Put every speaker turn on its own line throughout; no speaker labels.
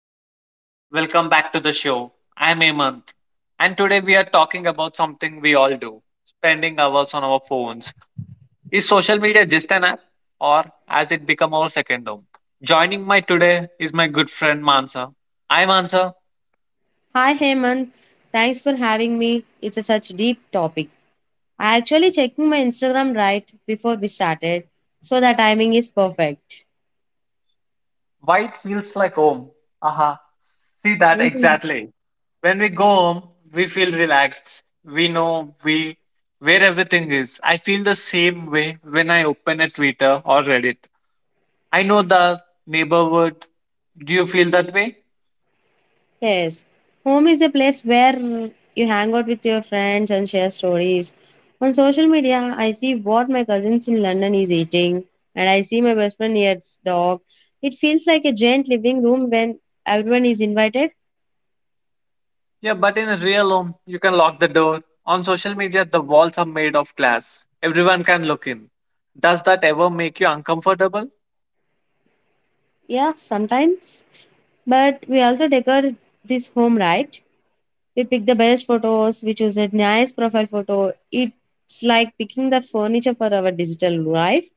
everyone, welcome back to the show. I'm Hemant, and today we are talking about something we all do, spending hours on our phones. Is social media just an app, or has it become our second home? Joining my today is my good friend Mansa. Hi Mansa,
Hi Heyman, thanks for having me. It's a such deep topic. I actually checked my Instagram right before we started, so the timing is perfect.
why it feels like home? Aha, see that
Mhm.
exactly. When we go home, we feel relaxed. We know we where everything is. I feel the same way when I open a Twitter or Reddit. I know the neighborhood. Do you feel that way?
Yes, home is a place where you hang out with your friends and share stories. On social media, I see what my cousins in London is eating, and I see my best friend here's dog. It feels like a giant living room when everyone is invited.
Yeah, but in a real home, you can lock the door. On social media, the walls are made of glass. Everyone can look in. Does that ever make you uncomfortable?
Yeah, sometimes, but we also decorate this home right. We pick the best photos, we choose a nice profile photo. It's like picking the furniture for our digital life.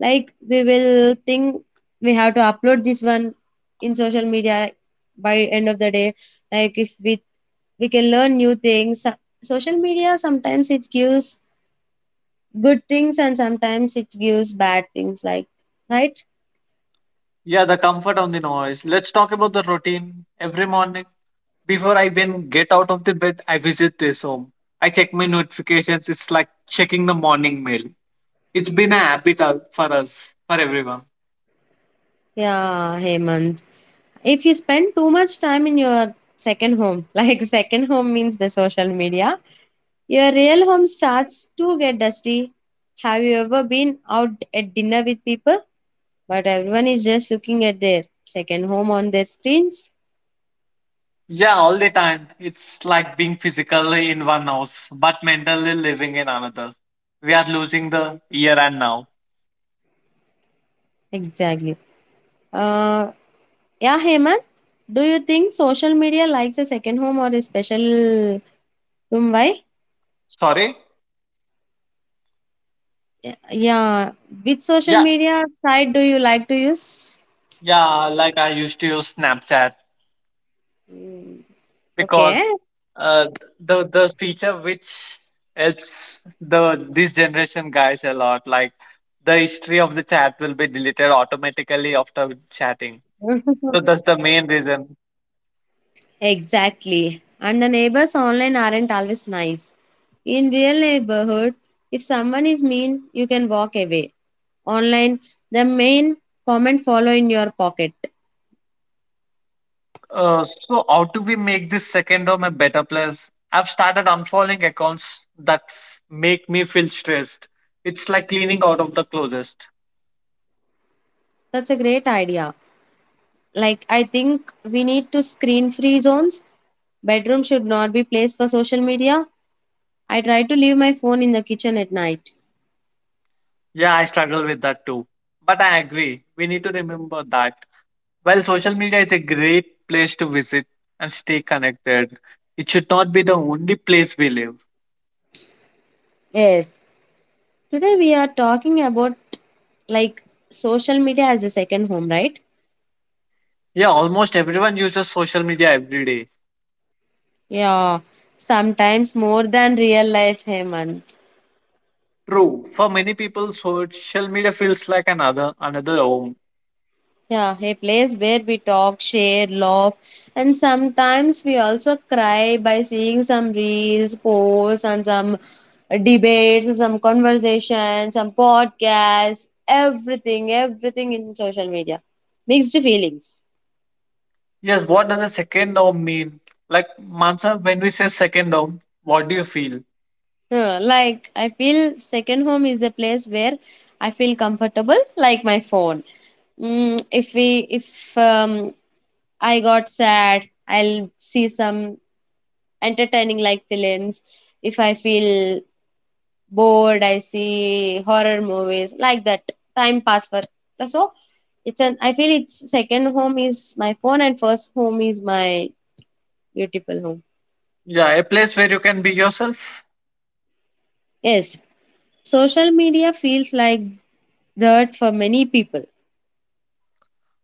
Like we will think we have to upload this one in social media by end of the day. Like if we we can learn new things. So- Social media sometimes it gives good things and sometimes it gives bad things like right?
Yeah, the comfort on the noise. Let's talk about the routine. Every morning, before I even get out of the bed, I visit this home. I check my notifications. It's like checking the morning mail. It's been a habit for us, for everyone.
Yeah, Hemant. If you spend too much time in your second home like second home means the social media. Your real home starts to get dusty. Have you ever been out at dinner with people, but everyone is just looking at their second home on their screens?
Yeah, all the time. It's like being physically in one house, but mentally living in another. We are losing the here and now.
Exactly. Uh, yeah, Hemant, do you think social media likes a second home or a special room? Why?
Sorry?
Yeah. Which social
Yeah,
media site do you like to use?
yeah, like I used to use Snapchat
Mm. Okay.
because uh, the feature which helps the this generation guys a lot, like the history of the chat will be deleted automatically after chatting. So that's the main reason.
Exactly. And the neighbors online aren't always nice. In real neighborhood, if someone is mean, you can walk away. Online, the main comment follow in your pocket.
So how do we make this second home a better place? I've started unfollowing accounts that make me feel stressed. It's like cleaning out of the closest.
That's a great idea. Like I think we need to screen free zones. Bedroom should not be place for social media. I try to leave my phone in the kitchen at night.
Yeah, I struggle with that too. But I agree. We need to remember that while social media is a great place to visit and stay connected, it should not be the only place we live.
Yes, today we are talking about like social media as a second home, right?
Yeah, almost everyone uses social media every day.
Yeah, sometimes more than real life, Heyman.
True. For many people, social media feels like another home.
Yeah, a place where we talk, share, laugh, and sometimes we also cry by seeing some reels, posts, and some debates, some conversations, some podcasts, everything, everything in social media. Mixed feelings.
Yes, what does a second dome mean? Like Mansa, when we say second dome, what do you feel?
Yeah, like, I feel second home is a place where I feel comfortable, like my phone. Mm, if I got sad, I'll see some entertaining like films. If I feel bored, I see horror movies like that. Time pass for so, it's an I feel it's second home is my phone and first home is my beautiful home.
Yeah, a place where you can be yourself.
Yes, social media feels like that for many people.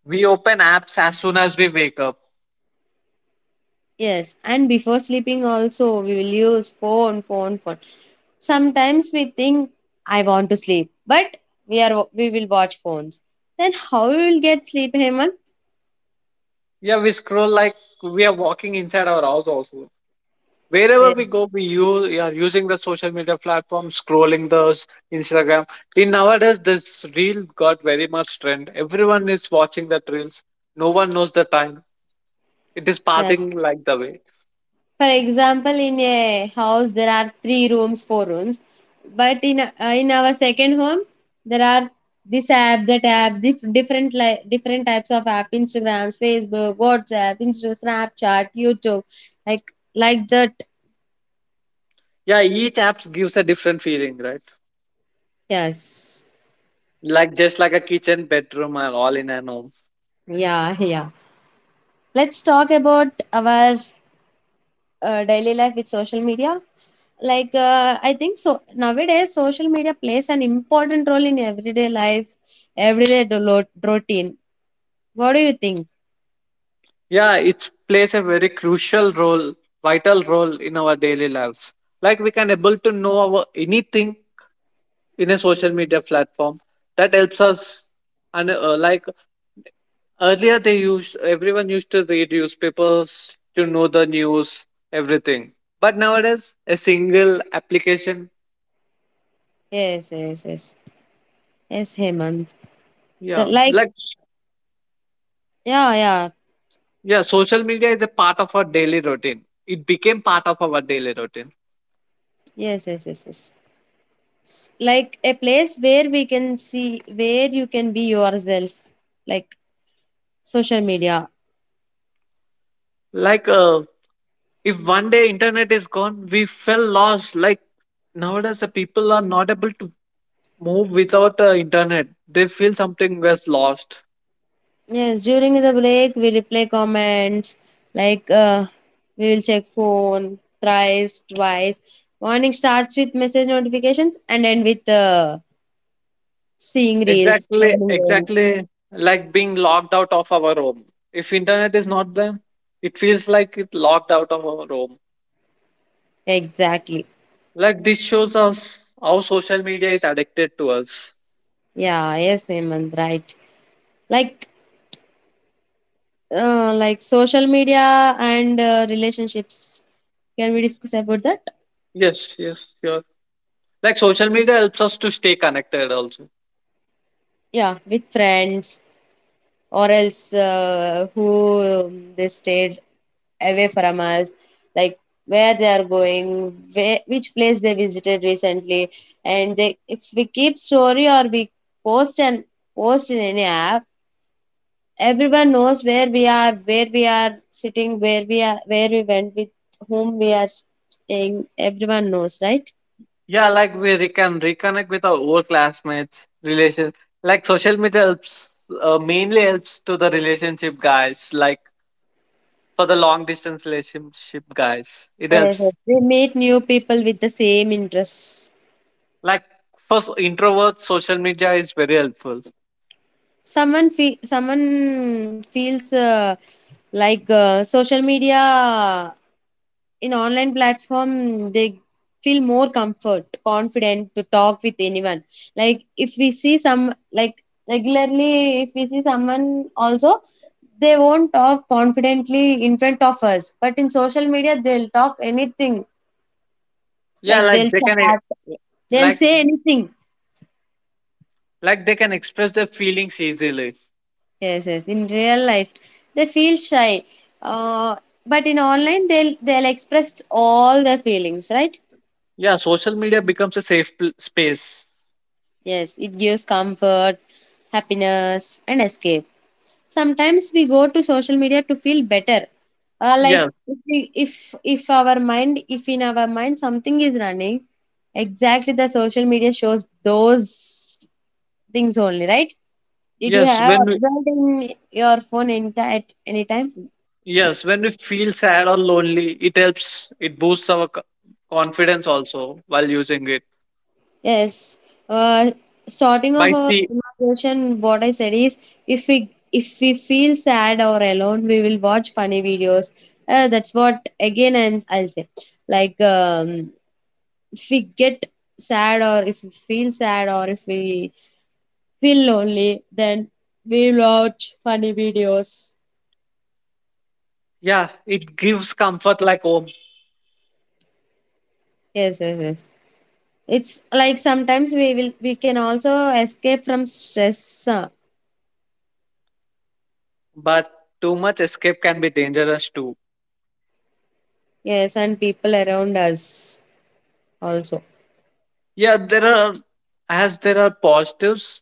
We open apps as soon as we wake up.
Yes, and before sleeping also we will use phone. Sometimes we think I want to sleep, but we will watch phones. Then how we will get sleep, Hemant?
Yeah, we scroll like we are walking inside our house also. Wherever
Yes,
we go, we are using the social media platform, scrolling those Instagram. See, nowadays this reel got very much trend. Everyone is watching the reels. No one knows the time. It is
yes.
passing like the way.
For example, in a house there are three rooms, four rooms, but in our second home there are this app, that app, different types of app, Instagram, Facebook, WhatsApp, Insta, Snapchat, YouTube, like that.
Yeah, each app gives a different feeling, right?
Yes.
Like just like a kitchen bedroom are all in a home.
Yeah, yeah. Let's talk about our daily life with social media. Like, I think so. Nowadays, social media plays an important role in everyday life, routine. What do you think?
Yeah, it plays a very crucial role, vital role in our daily lives. Like we can able to know our anything in a social media platform. That helps us. And like earlier they used everyone used to read newspapers to know the news, everything. But nowadays a single application,
Yes, yes, yes. Yes, Hemant. The,
yeah,
like,
like
yeah, yeah.
yeah, social media is a part of our daily routine it became part of our daily routine.
Yes, yes, yes, yes. S- Like a place where we can see, where you can be yourself. Like social media.
Like, if one day internet is gone, we feel lost. Like nowadays, the people are not able to move without internet. They feel something was lost.
Yes, during the break, we reply comments like we will check phone thrice, twice. Morning starts with message notifications and end with seeing reels,
Exactly,
scrolling reels.
exactly, like being locked out of our home. If internet is not there, it feels like it locked out of our home.
Exactly.
Like this shows us how social media is addicted to us.
Yeah, yes, Hemant, right. Like, like social media and relationships. Can we discuss about that?
Yes, yes, sure. Like social media helps us to stay connected also.
Yeah, with friends or else who they stayed away from us, like where they are going where, which place they visited recently, and they if we keep story or we post and post in any app, everyone knows where we are, where we are sitting, where we are, where we went with whom we are staying, everyone knows right.
Yeah, like we can reconnect with our old classmates, relation. Like social media helps, mainly helps to the relationship guys. Like for the long distance relationship guys, it
Yes, yes.
helps.
We meet new people with the same interests.
Like for introverts, social media is very helpful.
Someone feels like social media in online platform, they feel more comfort confident to talk with anyone, like if we see some like regularly, if we see someone also, they won't talk confidently in front of us, but in social media they'll talk anything,
Yeah,
like
like
they'll chat, they'll
like
say anything.
like they can express their feelings easily.
Yes, yes, in real life they feel shy, uh, but in online they'll express all their feelings right.
Yeah, social media becomes a safe space.
Yes, it gives comfort, happiness, and escape. Sometimes we go to social media to feel better.
Yeah,
Like if our mind, if in our mind something is running, exactly the social media shows those things only, right? Did you
yes.
have observed in your phone at any time?
Yes, when we feel sad or lonely, it helps, it boosts our confidence also while using it.
Yes. Uh, Starting off
By
our
see,
conversation, what I said is, if we feel sad or alone, we will watch funny videos. That's what again I'll say. Like if we get sad or if we feel sad or if we feel lonely, then we watch funny videos.
yeah, it gives comfort like home,
Yes, yes, yes. It's like sometimes we can also escape from stress.
but too much escape can be dangerous too.
Yes, and people around us also.
Yeah, there are, as there are positives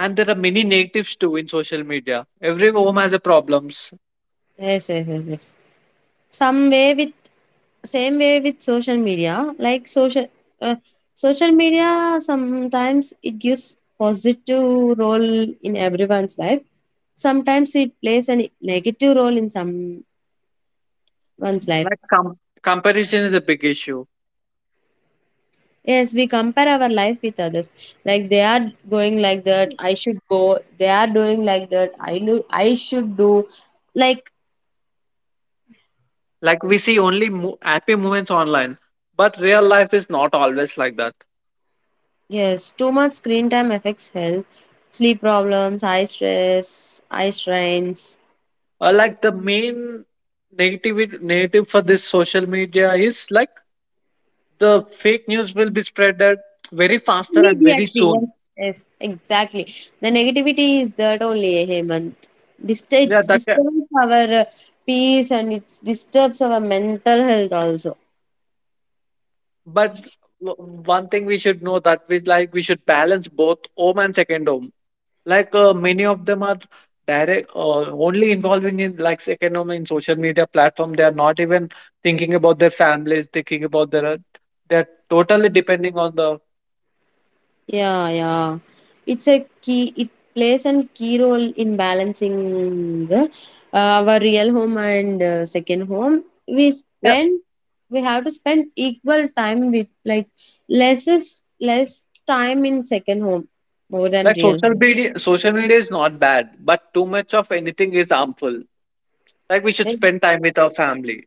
and there are many negatives too in social media. Every home has a problems.
Yes, yes, yes, yes. Some way with Same way with social media, like uh, social media sometimes it gives positive role in everyone's life. Sometimes it plays a negative role in someone's life.
Like comparison is a big issue.
Yes, we compare our life with others. Like they are going like that, I should go. They are doing like that, I should do. Like
Like we see only happy moments online, but real life is not always like that.
yes, too much screen time affects health, sleep problems, eye stress, eye strains.
Like the main negative for this social media is like the fake news will be spread at very faster and very
Immediately, yes.
soon.
Yes, exactly. The negativity is that only, Hemant.
Yeah,
It
that ca-
disturbs our uh, peace and it disturbs our mental health also.
but w- one thing we should know that we like we should balance both home and second home. Like many of them are direct, only involving in like second home in social media platform. They are not even thinking about their families, thinking about their, they're totally depending on the, yeah.
Yeah, yeah. It's a key, it plays a key role in balancing the, our real home and second home. We spend, we have to spend equal time with like less time in second home more than
Like
real home.
social media is not bad, but too much of anything is harmful. Like we should
Eh,
spend time with our family.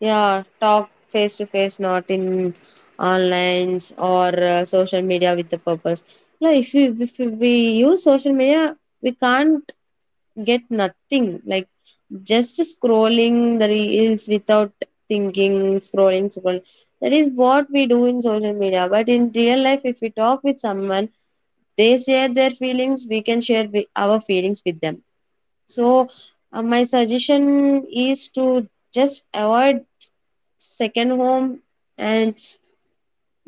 yeah, talk face to face, not in online or social media with the purpose. Like if we use social media, we can't get nothing, like just scrolling the reels without thinking, scrolling scroll, that is what we do in social media, but in real life if we talk with someone, they share their feelings, we can share our feelings with them. So my suggestion is to just avoid second home and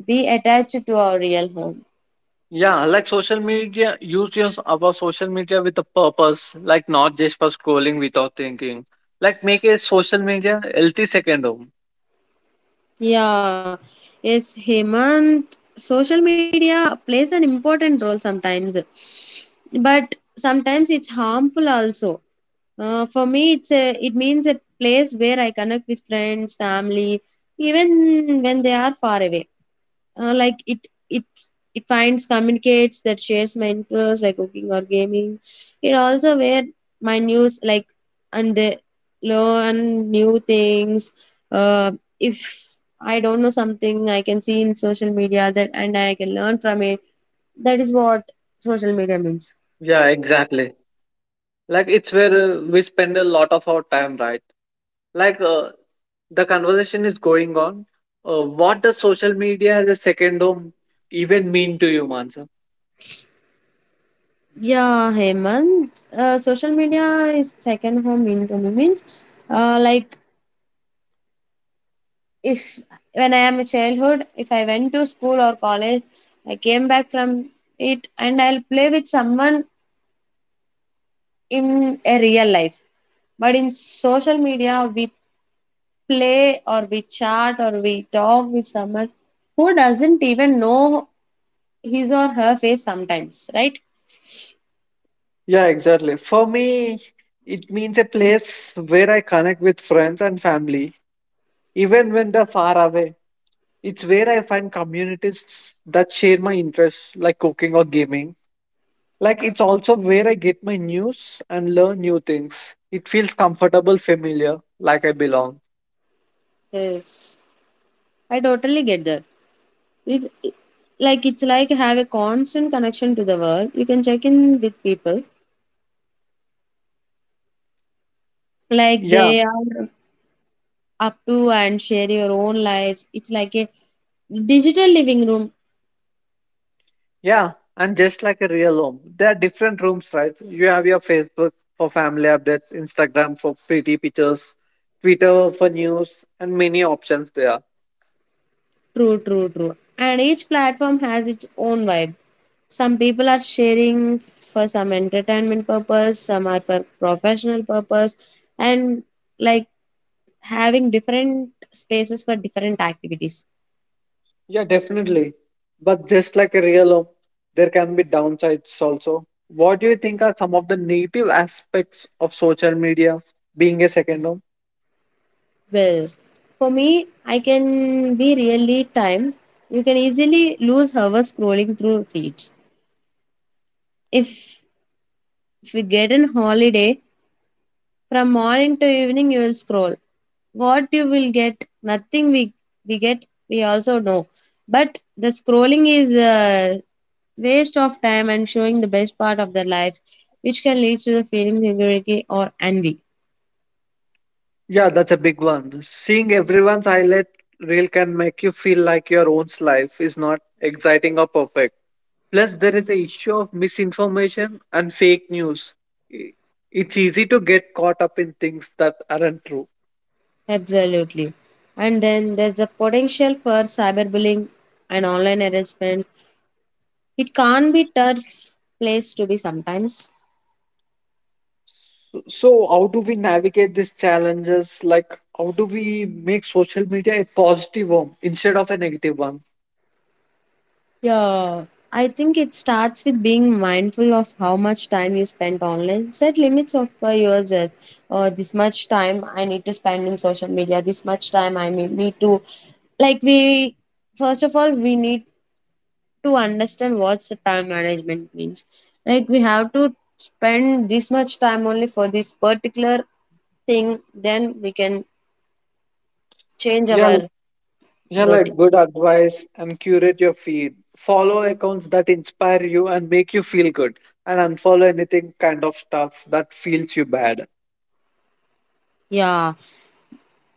be attached to our real home.
Yeah, like social media, use our social media with a purpose, like not just for scrolling without thinking. Like make a social media healthy second home.
Yeah, yes, Hemant, social media plays an important role sometimes, but sometimes it's harmful also. For me, it means a place where I connect with friends, family, even when they are far away. Like it it finds communicates that shares my interests like cooking or gaming. It also where my news like, and they learn new things. uh, if I don't know something, I can see in social media that and I can learn from it. That is what social media means.
Yeah, exactly. Like it's where we spend a lot of our time, right? Like the conversation is going on. What does social media as a second home even mean to you, Mansa?
Yeah, Hemant, social media is second home income means like if when I am a childhood, if I went to school or college, I came back from it and I'll play with someone in a real life. But in social media, we play or we chat or we talk with someone who doesn't even know his or her face sometimes, right?
Yeah, exactly. For me, it means a place where I connect with friends and family, even when they're far away. It's where I find communities that share my interests, like cooking or gaming. Like, it's also where I get my news and learn new things. It feels comfortable, familiar, like I belong.
Yes, I totally get that. It, like it's like have a constant connection to the world. You can check in with people like
Yeah,
they are up to and share your own lives. It's like a digital living room.
yeah. And just like a real home, there are different rooms, right? You have your Facebook for family updates, Instagram for pretty pictures, Twitter for news, and many options there.
True, true, true. And each platform has its own vibe. Some people are sharing for some entertainment purpose, some are for professional purpose, and like having different spaces for different activities.
Yeah, definitely. But just like a real home, there can be downsides also. What do you think are some of the negative aspects of social media being a second home?
Well, for me, I can be really time. You can easily lose hours scrolling through feeds. If if we get an holiday, from morning to evening you will scroll. What you will get, nothing we, we get, we also know. But the scrolling is a waste of time and showing the best part of their lives, which can lead to the feelings of insecurity or envy.
Yeah, that's a big one. Seeing everyone's highlight reel can make you feel like your own life is not exciting or perfect. Plus, there is the issue of misinformation and fake news. I- It's easy to get caught up in things that aren't true.
Absolutely. And then there's the potential for cyberbullying and online harassment. It can't be tough place to be sometimes.
So, how do we navigate these challenges? Like, how do we make social media a positive one instead of a negative one?
Yeah, I think it starts with being mindful of how much time you spend online. Set limits of for yourself. This much time I need to spend in social media. This much time I may need to like we first of all we need to understand what's the time management means. Like we have to spend this much time only for this particular thing. Then we can change
Yeah, l-
our
yeah,
routine.
like good advice and curate your feed. Follow accounts that inspire you and make you feel good, and unfollow anything kind of stuff that feels you bad.
Yeah.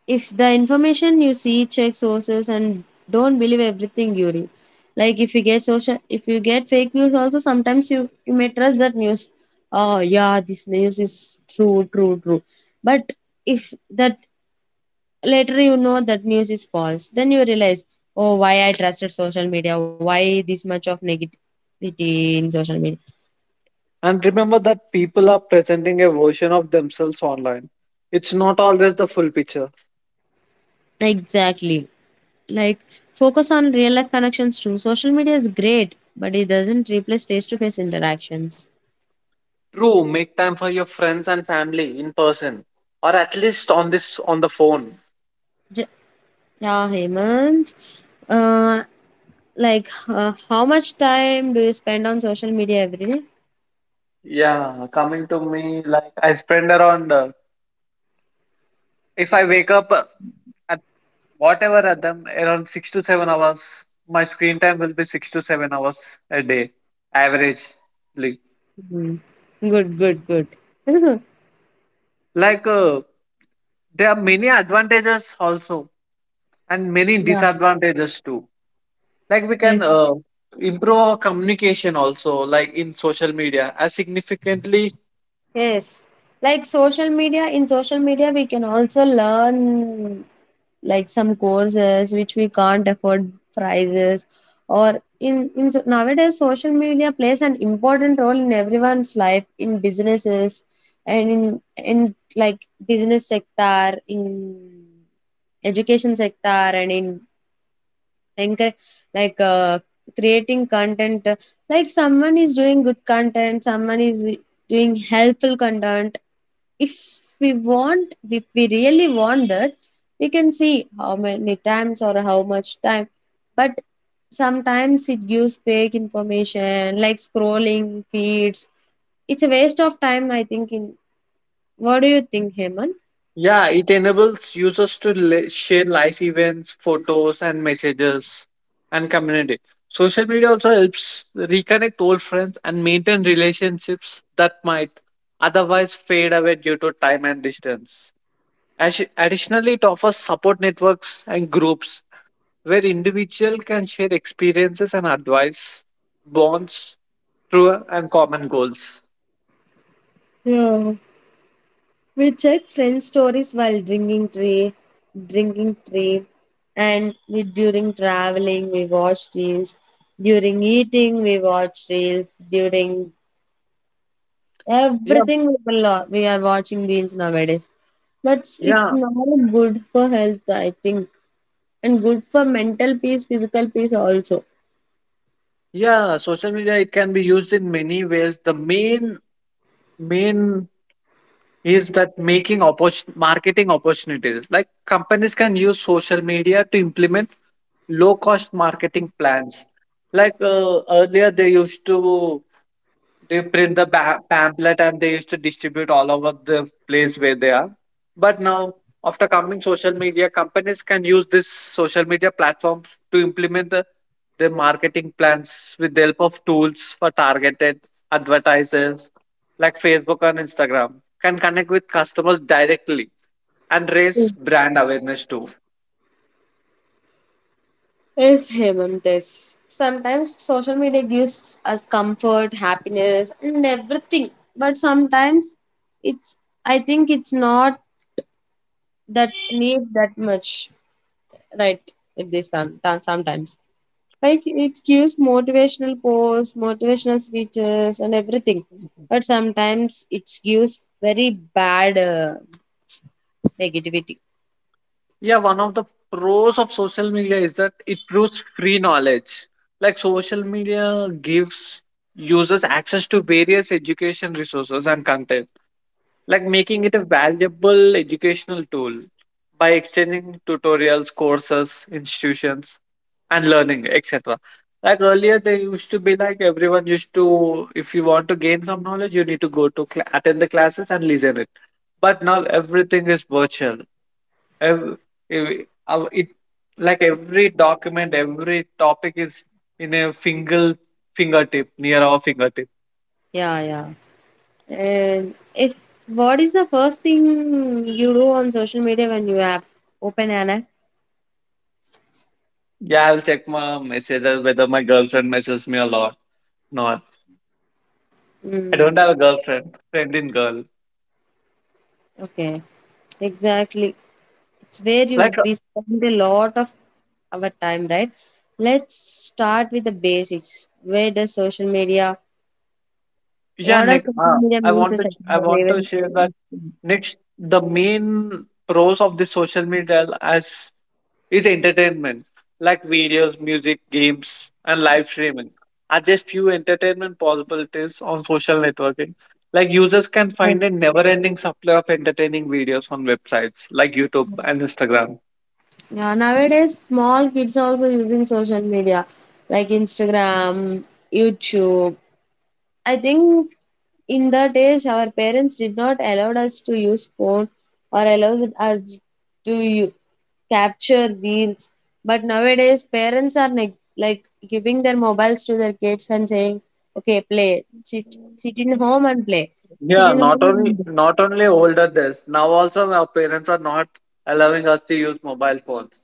If the information you see, check sources and don't believe everything you read. Like if you get social, if you get fake news also, sometimes you may trust that news. Oh yeah, this news is true, true, true. But if that, later you know that news is false, then you realize, oh, why I trusted social media, why this much of negativity in social media.
And remember that people are presenting a version of themselves online. It's not always the full picture.
Exactly, like focus on real life connections too. Social media is great but it doesn't replace face to face interactions.
True, make time for your friends and family in person, or at least on this on the phone.
J- Yeah, Hemant. Uh, how much time do you spend on social media every day?
Yeah, coming to me, like I spend around, if I wake up at whatever at them, around 6 to 7 hours, my screen time will be 6 to 7 hours a day, averagely.
Hmm. Good, good, good.
Like, there are many advantages also, and many
Yeah.
disadvantages too. Like, we
Yes.
can improve our communication also, like in social media, as significantly.
Yes. Like social media, in social media, we can also learn like some courses which we can't afford prices. Or nowadays social media plays an important role in everyone's life, in businesses and in like business sector, in education sector, and in encourage, like uh, creating content, like someone is doing good content, someone is doing helpful content. If we want, if we really want that, we can see how many times or how much time. But sometimes it gives fake information, like scrolling feeds. It's a waste of time, I think. In what do you think, Hemant?
Yeah, it enables users to share life events, photos, and messages and community. Social media also helps reconnect old friends and maintain relationships that might otherwise fade away due to time and distance. Additionally, it offers support networks and groups where individuals can share experiences and advice, bonds through and common goals.
Yeah. We check friend stories while drinking tea, and we during traveling we watch reels. During eating we watch reels. During
Yeah,
everything we will, we are watching reels nowadays. But it's
yeah,
not good for health, I think, and good for mental peace, physical peace also.
yeah. Social media it can be used in many ways. The main is that making marketing opportunities, like companies can use social media to implement low cost marketing plans. Like earlier they used to, they print the pamphlet and they used to distribute all over the place where they are. But now after coming social media, companies can use this social media platforms to implement the, their marketing plans with the help of tools for targeted advertisers like Facebook and Instagram, can connect with customers directly and raise brand awareness too.
Yes, Hemant, yes. Sometimes social media gives us comfort, happiness, and everything. But sometimes it's, I think it's not that need that much, right? With this sometimes. Like it gives motivational posts, motivational speeches, and everything. But sometimes it gives very bad negativity.
Yeah, one of the pros of social media is that it proves free knowledge. Like social media gives users access to various education resources and content, like making it a valuable educational tool by exchanging tutorials, courses, institutions, and learning, etc. Like earlier, they used to be like everyone used to, if you want to gain some knowledge, you need to go to attend the classes and listen it. But now everything is virtual, ev- it like every document, every topic is in a single fingertip, near our fingertip.
Yeah, yeah. And if what is the first thing you do on social media when you app open an app?
Yeah, I'll check my messages whether my girlfriend messages me a lot. Not, I
Mm,
don't have a girlfriend. Friend in girl.
okay, exactly. It's where you
Like
we spend a lot of our time, right? Let's start with the basics. Where does social media?
yeah,
What does
Nick.
social media mean to
I want to
society?
share that next, the main pros of the social media as is entertainment, like videos, music, games, and live streaming are just few entertainment possibilities on social networking. Like users can
Even,
find a never-ending supply of entertaining videos on websites like YouTube and Instagram.
yeah, nowadays small kids are also using social media like Instagram, YouTube. I think in that age our parents did not allow us to use phone, or allow us to capture reels. But nowadays parents are like giving their mobiles to their kids and saying, "Okay, play. Sit sit in home and play. Sit
Yeah,
in home and
not only older days. Now also our parents are not allowing us to use mobile phones.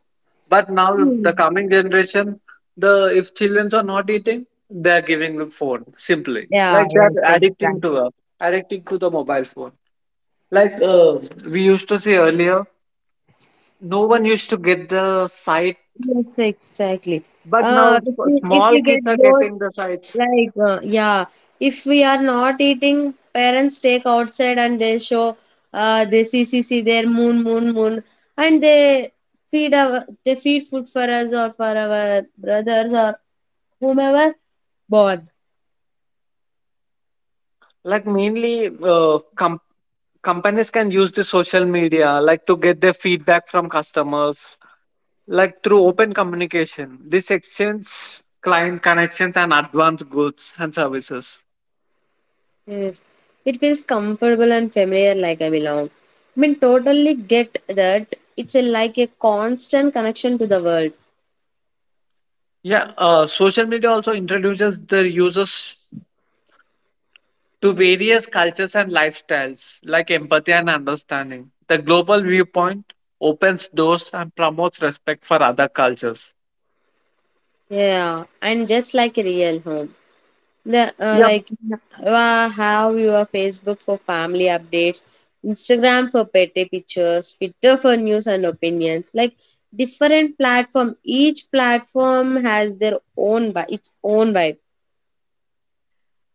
But now
play."
the coming generation, the if children are not eating, they are giving the phone simply.
Yeah,
Like
yes,
they are
exactly.
addicting to the mobile phone. Like we used to see earlier, no one used to get the sight,
Yes, exactly.
but now
If
small
we get
kids are
bored,
getting the sights.
yeah, if we are not eating, parents take outside and they show, they see, see, see their moon, moon, moon, and they they feed food for us or for our brothers or whomever bored.
Like mainly companies can use the social media like to get their feedback from customers, like through open communication this exchange client connections and advanced goods and services.
Yes, it feels comfortable and familiar, like I belong. I mean, totally get that. It's a, like a constant connection to the world.
Yeah, social media also introduces their users to various cultures and lifestyles, like empathy and understanding the global viewpoint opens doors and promotes respect for other cultures.
Yeah, and just like a real home. The
Yeah.
have your Facebook for family updates, Instagram for petty pictures, Twitter for news and opinions. Like different platform, each platform has their own vibe, its own vibe.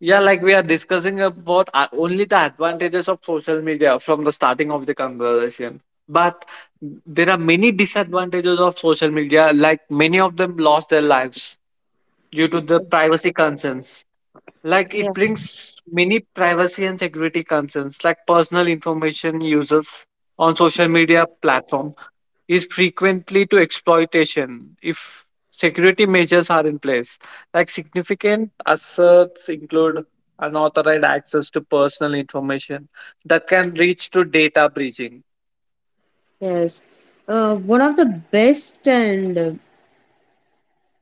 Yeah, like we are discussing about only the advantages of social media from the starting of the conversation. But there are many disadvantages of social media, like many of them lost their lives due to the privacy concerns. Like it
Yeah.
brings many privacy and security concerns, like personal information users on social media platform is frequently to exploitation if security measures are in place. Like significant assets include unauthorized access to personal information that can reach to data breaching.
Yes, one of the best and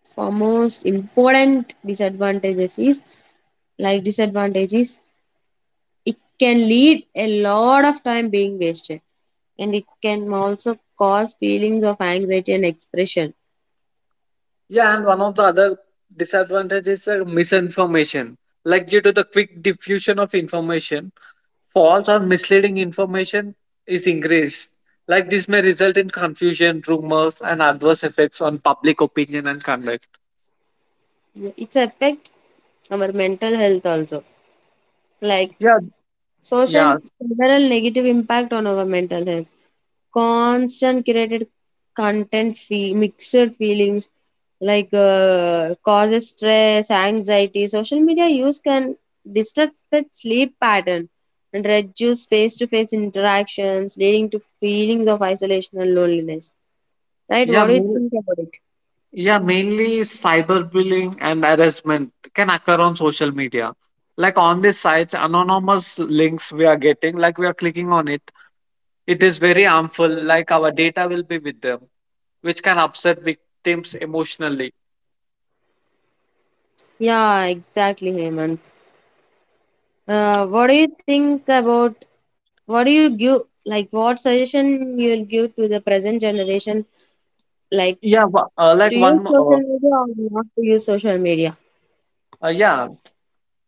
foremost important disadvantages is like disadvantages. It can lead a lot of time being wasted, and it can also cause feelings of anxiety and expression.
Yeah, and one of the other disadvantages is misinformation. Like due to the quick diffusion of information, false or misleading information is increased. Like this may result in confusion, rumors, and adverse effects on public opinion and conduct.
It's affect our mental health also. Like
Yeah, yeah,
social several negative impact on our mental health. Constant curated content fee, mixed feelings like, causes stress, anxiety. Social media use can disrupt sleep pattern and reduce face-to-face interactions, leading to feelings of isolation and loneliness. Right?
Yeah,
What do you think about it?
yeah, mainly cyberbullying and harassment can occur on social media. Like on these sites, anonymous links we are getting, like we are clicking on it, it is very harmful. Like our data will be with them, which can upset victims emotionally.
Yeah, exactly, Hemant. What do you think about what do you give like what suggestion you'll give to the present generation, like
Yeah, wha- uh, like
to use
one,
social
mo-
media or not to use social media?
yeah,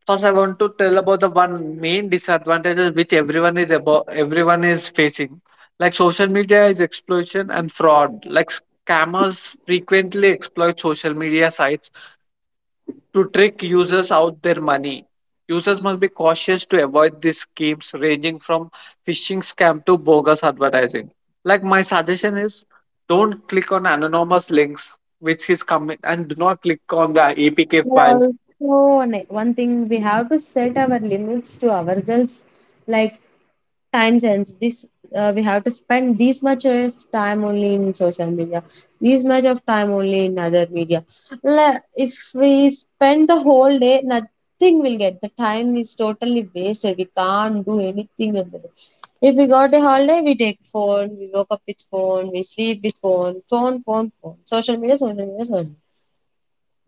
first, I want to tell about the one main disadvantages which everyone is facing. Like social media is exploitation and fraud. Like scammers frequently exploit social media sites to trick users out their money. Users must be cautious to avoid these schemes ranging from phishing scam to bogus advertising. Like my suggestion is don't click on anonymous links which is coming and do not click on the APK
But
files.
also, one thing, we have to set our limits to ourselves. Like time sense this, we have to spend this much of time only in social media, this much of time only in other media. If we spend the whole day, nothing will get, the time is totally wasted, we can't do anything about it. If we got a holiday, we take phone, we woke up with phone, we sleep with phone, phone, phone, phone, social media, social media, social media.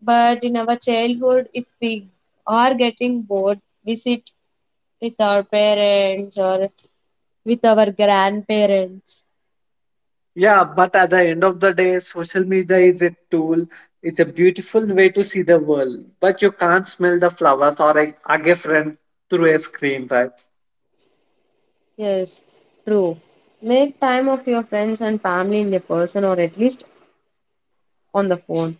But in our childhood, if we are getting bored, we sit with our parents or with our grandparents.
Yeah, but at the end of the day, social media is a tool. It's a beautiful way to see the world, but you can't smell the flowers or a, hug a friend through a screen, right?
Yes, true. Make time of your friends and family in a person, or at least on the phone.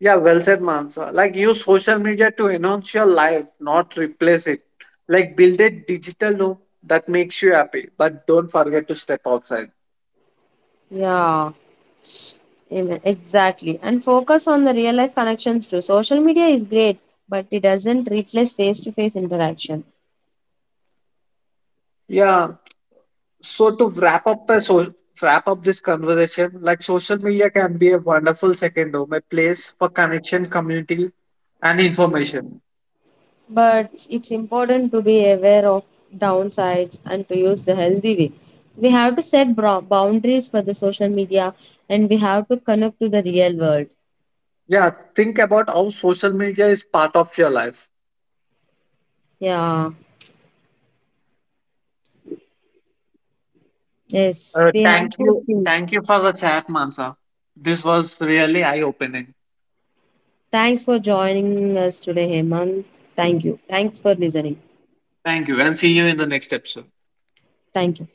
Yeah, well said, Mansa. Like use social media to enhance your life, not replace it. Like build a digital home that makes you happy, but don't forget to step outside.
Yeah, amen. Exactly. And focus on the real life connections too. Social media is great, but it doesn't replace face to face interactions.
Yeah, so to wrap up the so wrap up this conversation, like social media can be a wonderful second home, a place for connection, community, and information.
But it's important to be aware of downsides and to use the healthy way. We have to set boundaries for the social media, and we have to connect to the real world.
Yeah, think about how social media is part of your life.
Yeah, yes,
Uh,
we have
thank
to
you,
think.
thank you for the chat, Mansa. This was really eye-opening.
Thanks for joining us today, Hemant. Thank you. Thanks for listening.
Thank you, and see you in the next episode.
Thank you.